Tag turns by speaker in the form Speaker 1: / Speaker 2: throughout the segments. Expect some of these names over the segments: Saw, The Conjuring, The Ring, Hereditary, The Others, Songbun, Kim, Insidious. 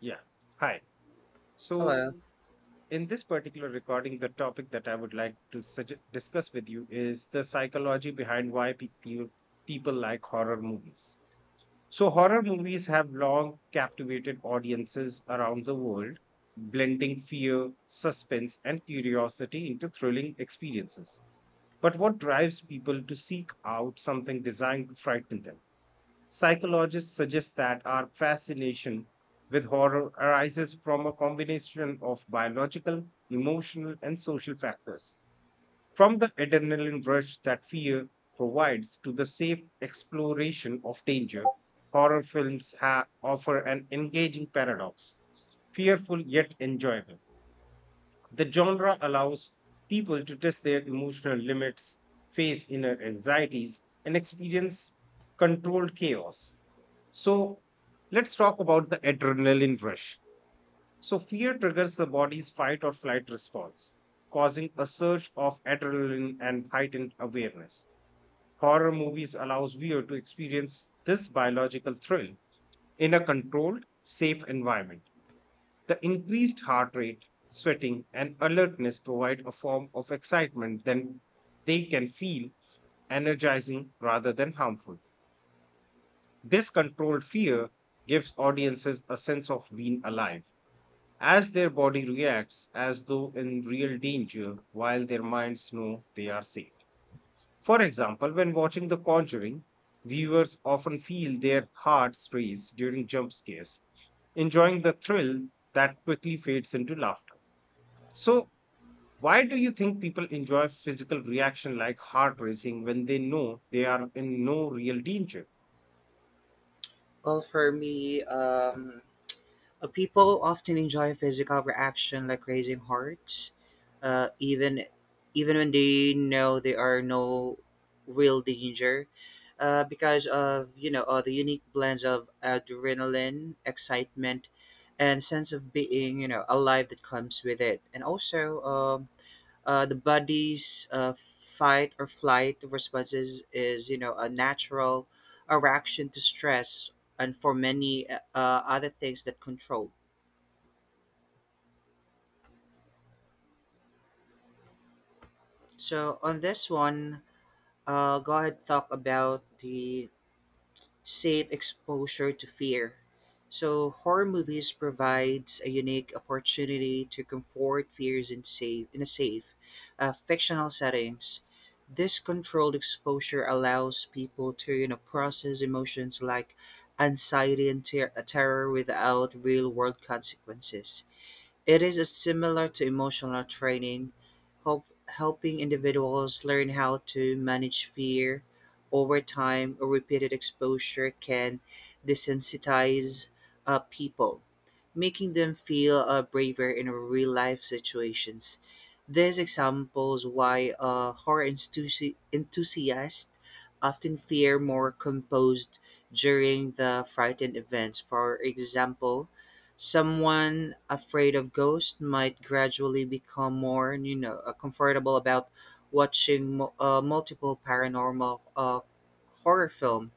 Speaker 1: Yeah. Hi.
Speaker 2: Hello.
Speaker 1: So, in this particular recording, the topic that I would like to discuss with you is the psychology behind why people like horror movies. So, horror movies have long captivated audiences around the world, blending fear, suspense, and curiosity into thrilling experiences. But what drives people to seek out something designed to frighten them? Psychologists suggest that our fascination with horror arises from a combination of biological, emotional, and social factors. From the adrenaline rush that fear provides to the safe exploration of danger, horror films offer an engaging paradox, fearful yet enjoyable. The genre allows people to test their emotional limits, face inner anxieties, and experience controlled chaos. So, let's talk about the adrenaline rush. So, fear triggers the body's fight or flight response, causing a surge of adrenaline and heightened awareness. Horror movies allows viewer to experience this biological thrill in a controlled, safe environment. The increased heart rate, sweating, and alertness provide a form of excitement then they can feel energizing rather than harmful. This controlled fear gives audiences a sense of being alive, as their body reacts as though in real danger while their minds know they are safe. For example, when watching The Conjuring, viewers often feel their hearts race during jump scares, enjoying the thrill that quickly fades into laughter. So, why do you think people enjoy physical reaction like heart racing when they know they are in no real danger?
Speaker 2: Well, for me, people often enjoy physical reaction like raising hearts, uh, even even when they know they are no real danger, because of the unique blends of adrenaline, excitement, and sense of being alive that comes with it, and also the body's fight or flight responses is, a natural a reaction to stress and for many other things that control. So on this one, go ahead talk about the safe exposure to fear. So horror movies provides a unique opportunity to comfort fears in a safe, fictional settings. This controlled exposure allows people to process emotions like anxiety and terror without real world consequences. It is similar to emotional training, helping individuals learn how to manage fear. Over time, repeated exposure can desensitize people making them feel braver in real life situations. This examples why horror enthusiasts often fear more composed during the frightened events. For example, someone afraid of ghosts might gradually become more, comfortable about watching multiple paranormal horror film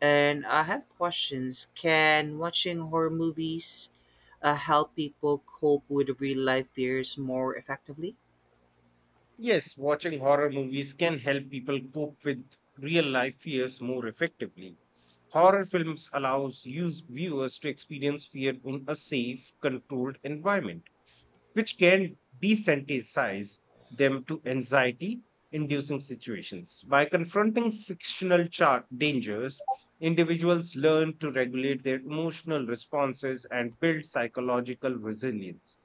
Speaker 2: and I have questions. Can watching horror movies help people cope with real life fears more effectively?
Speaker 1: Yes, watching horror movies can help people cope with real life fears more effectively. Horror films allows use viewers to experience fear in a safe, controlled environment, which can desensitize them to anxiety inducing situations. By confronting fictional chart dangers, individuals learn to regulate their emotional responses and build psychological resilience.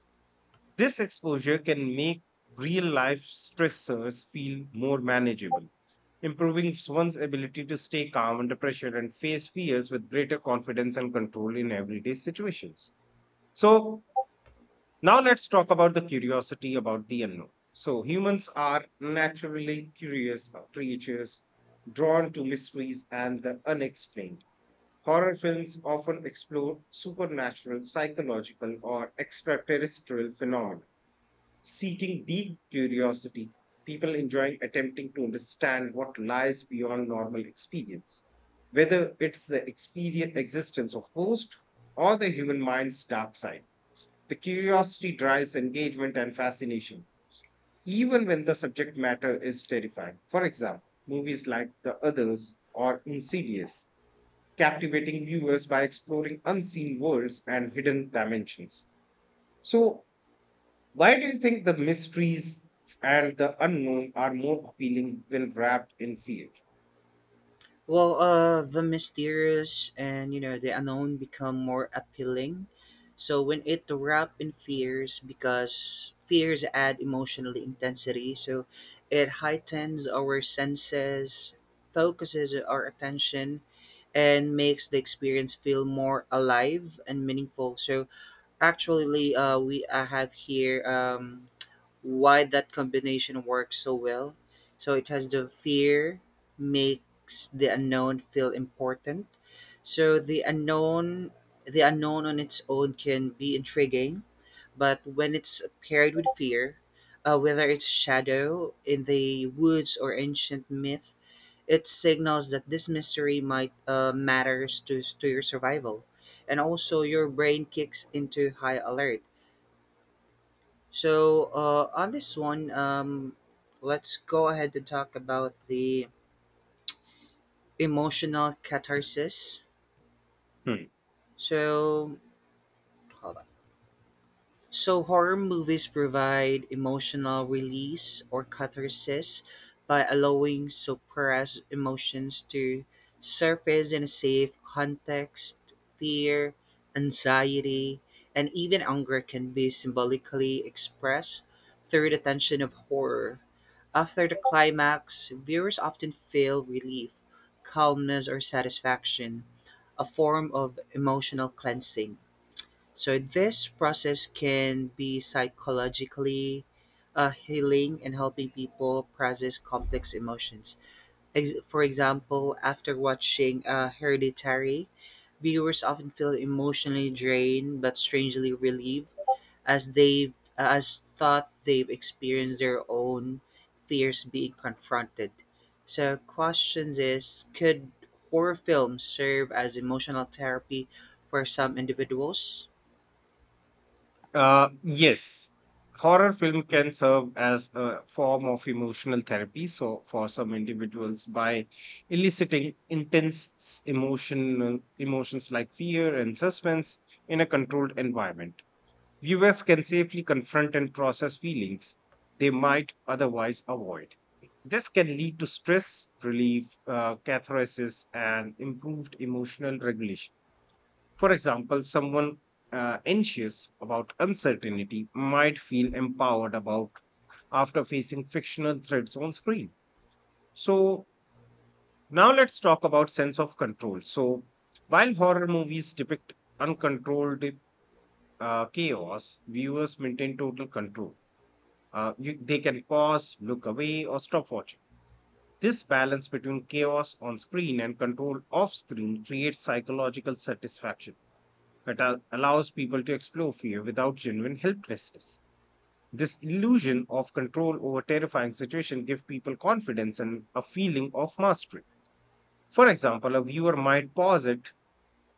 Speaker 1: This exposure can make real life stressors feel more manageable, improving one's ability to stay calm under pressure and face fears with greater confidence and control in everyday situations. So, now let's talk about the curiosity about the unknown. So humans are naturally curious creatures drawn to mysteries and the unexplained. Horror films often explore supernatural, psychological, or extraterrestrial phenomena, seeking deep curiosity, people enjoying attempting to understand what lies beyond normal experience, whether it's the experience, existence of ghosts or the human mind's dark side. The curiosity drives engagement and fascination, even when the subject matter is terrifying. For example, movies like The Others or Insidious, captivating viewers by exploring unseen worlds and hidden dimensions. So, why do you think the mysteries and the unknown are more appealing when wrapped in fear?
Speaker 2: Well, the mysterious and the unknown become more appealing. So when it wrap in fears, because fears add emotional intensity, so it heightens our senses, focuses our attention, and makes the experience feel more alive and meaningful. So actually, we I have here why that combination works so well. So it has the fear makes the unknown feel important. So the unknown on its own can be intriguing, but when it's paired with fear, whether it's shadow in the woods or ancient myth, it signals that this mystery might matters to your survival. And also, your brain kicks into high alert. So, on this one, let's go ahead and talk about the emotional catharsis. So, hold on. So horror movies provide emotional release or catharsis by allowing suppressed emotions to surface in a safe context. Fear, anxiety, and even anger can be symbolically expressed through the tension of horror. After the climax, viewers often feel relief, calmness, or satisfaction, a form of emotional cleansing. So this process can be psychologically healing and helping people process complex emotions. For example, after watching Hereditary, viewers often feel emotionally drained but strangely relieved as they've as thought they've experienced their own fears being confronted. So questions is could horror films serve as emotional therapy for some individuals?
Speaker 1: Yes, horror film can serve as a form of emotional therapy. So, for some individuals, by eliciting intense emotional emotions like fear and suspense in a controlled environment, viewers can safely confront and process feelings they might otherwise avoid. This can lead to stress relief, catharsis, and improved emotional regulation. For example, someone anxious about uncertainty might feel empowered about after facing fictional threats on screen. So now let's talk about sense of control. So while horror movies depict uncontrolled chaos, viewers maintain total control. They can pause, look away, or stop watching. This balance between chaos on screen and control off screen creates psychological satisfaction. It allows people to explore fear without genuine helplessness. This illusion of control over terrifying situation gives people confidence and a feeling of mastery. For example, a viewer might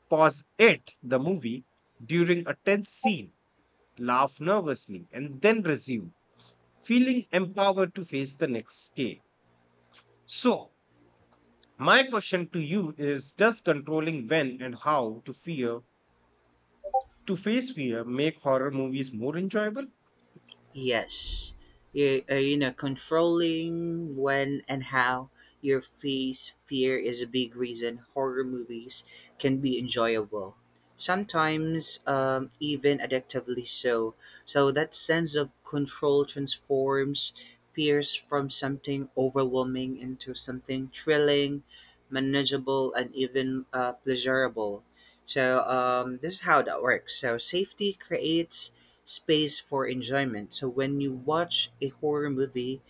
Speaker 1: pause it, the movie, during a tense scene, laugh nervously, and then resume, feeling empowered to face the next scale. So, my question to you is, does controlling when and how to face fear make horror movies more enjoyable?
Speaker 2: Yes. You know, controlling when and how your face fear is a big reason horror movies can be enjoyable. Sometimes even addictively so. So that sense of control transforms fears from something overwhelming into something thrilling, manageable, and even pleasurable. So this is how that works. So safety creates space for enjoyment. So when you watch a horror movie,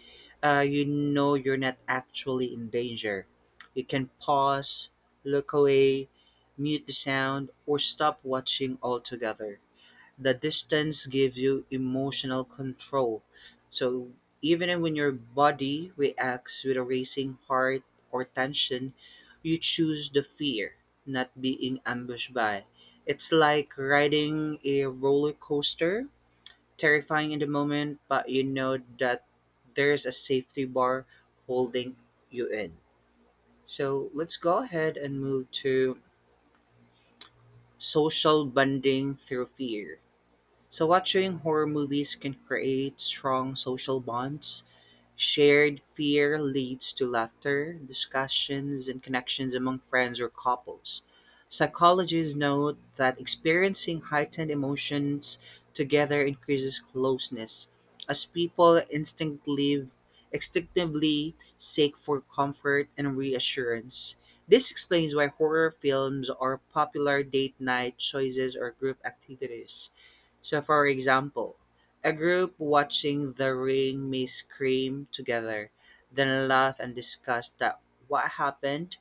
Speaker 2: you know you're not actually in danger. You can pause, look away, mute the sound, or stop watching altogether. The distance gives you emotional control. So even when your body reacts with a racing heart or tension, you choose the fear, not being ambushed by. It's like riding a roller coaster terrifying in the moment, but you know that there's a safety bar holding you in. So let's go ahead and move to social bonding through fear. So, watching horror movies can create strong social bonds. Shared fear leads to laughter, discussions, and connections among friends or couples. Psychologists note that experiencing heightened emotions together increases closeness, as people instinctively seek for comfort and reassurance. This explains why horror films are popular date night choices or group activities. So, for example, a group watching The Ring may scream together, then laugh and discuss that what happened,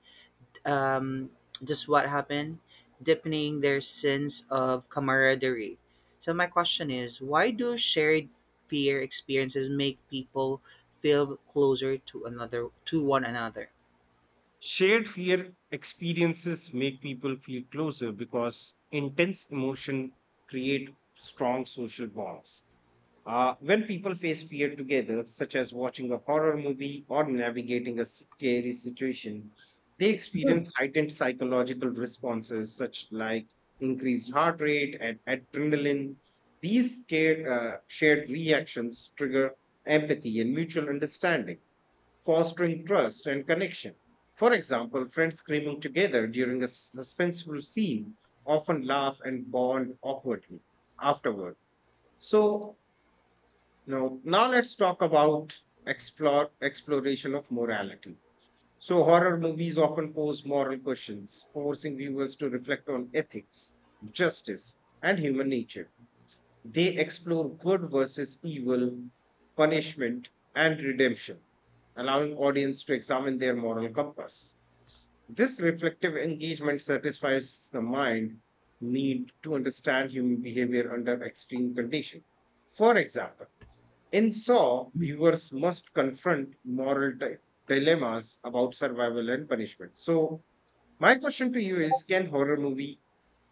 Speaker 2: um, just what happened, deepening their sense of camaraderie. So, my question is, why do shared fear experiences make people feel closer to one another?
Speaker 1: Shared fear experiences make people feel closer because intense emotion create strong social bonds. When people face fear together, such as watching a horror movie or navigating a scary situation, they experience heightened psychological responses, such like increased heart rate and adrenaline. These shared reactions trigger empathy and mutual understanding, fostering trust and connection. For example, friends screaming together during a suspenseful scene often laugh and bond awkwardly afterward. So, now let's talk about explore exploration of morality. So, horror movies often pose moral questions, forcing viewers to reflect on ethics, justice, and human nature. They explore good versus evil, punishment, and redemption, allowing audience to examine their moral compass. This reflective engagement satisfies the mind need to understand human behavior under extreme conditions. For example, in Saw, viewers must confront moral dilemmas about survival and punishment. So, my question to you is, can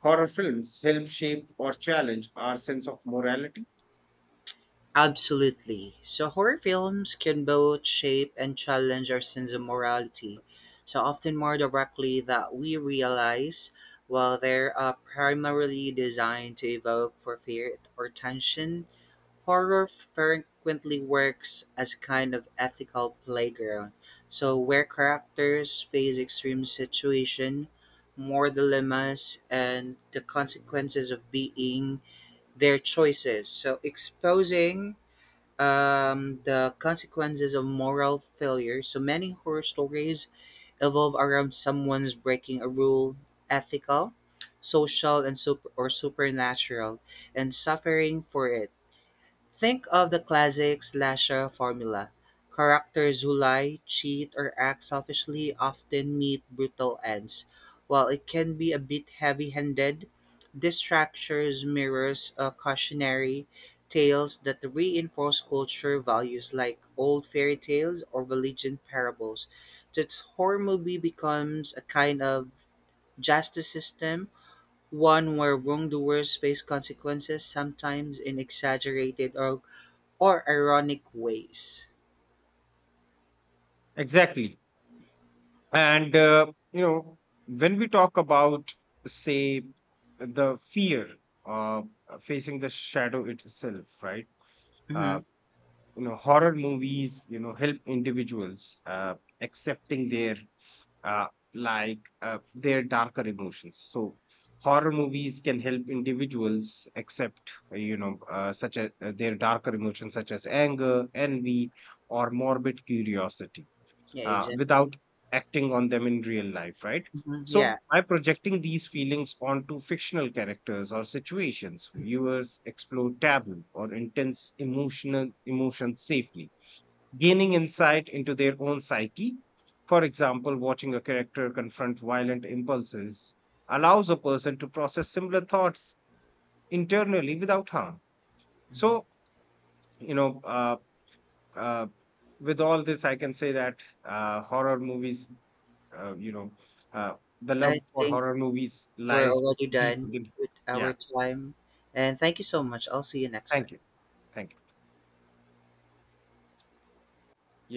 Speaker 1: horror films help shape or challenge our sense of morality?
Speaker 2: Absolutely. So horror films can both shape and challenge our sense of morality, so often more directly that we realize, while they're primarily designed to evoke for fear or tension, horror frequently works as a kind of ethical playground. So where characters face extreme situation, more dilemmas, and the consequences of being their choices. So exposing the consequences of moral failure. So many horror stories evolve around someone's breaking a rule, ethical, social, and super or supernatural, and suffering for it. Think of the classic slasher formula. Characters who lie, cheat, or act selfishly often meet brutal ends. While it can be a bit heavy handed, this structure mirrors cautionary tales that reinforce culture values like old fairy tales or religion parables. This horror movie becomes a kind of justice system one where wrongdoers face consequences, sometimes in exaggerated or ironic ways.
Speaker 1: Exactly. And, when we talk about, say, the fear of facing the shadow itself, right? Uh,
Speaker 2: Hmm.
Speaker 1: Horror movies, help individuals accepting their, uh, their darker emotions. So, horror movies can help individuals accept, you know, such as their darker emotions, such as anger, envy, or morbid curiosity
Speaker 2: Yeah, exactly.
Speaker 1: without acting on them in real life, right?
Speaker 2: Mhm.
Speaker 1: So,
Speaker 2: Yeah.
Speaker 1: by projecting these feelings onto fictional characters or situations, viewers explore taboo or intense emotional emotions safely, gaining insight into their own psyche. For example, watching a character confront violent impulses allows a person to process similar thoughts internally without harm.
Speaker 2: Mhm.
Speaker 1: So, you know, uh, uh, with all this, I can say that horror movies uh, you know, uh, the
Speaker 2: I
Speaker 1: love for
Speaker 2: think
Speaker 1: horror movies
Speaker 2: we're
Speaker 1: lies
Speaker 2: already
Speaker 1: deep
Speaker 2: done
Speaker 1: within.
Speaker 2: with our
Speaker 1: Yeah.
Speaker 2: time. And thank you so much. I'll see you next
Speaker 1: Thank
Speaker 2: time.
Speaker 1: you. Thank you.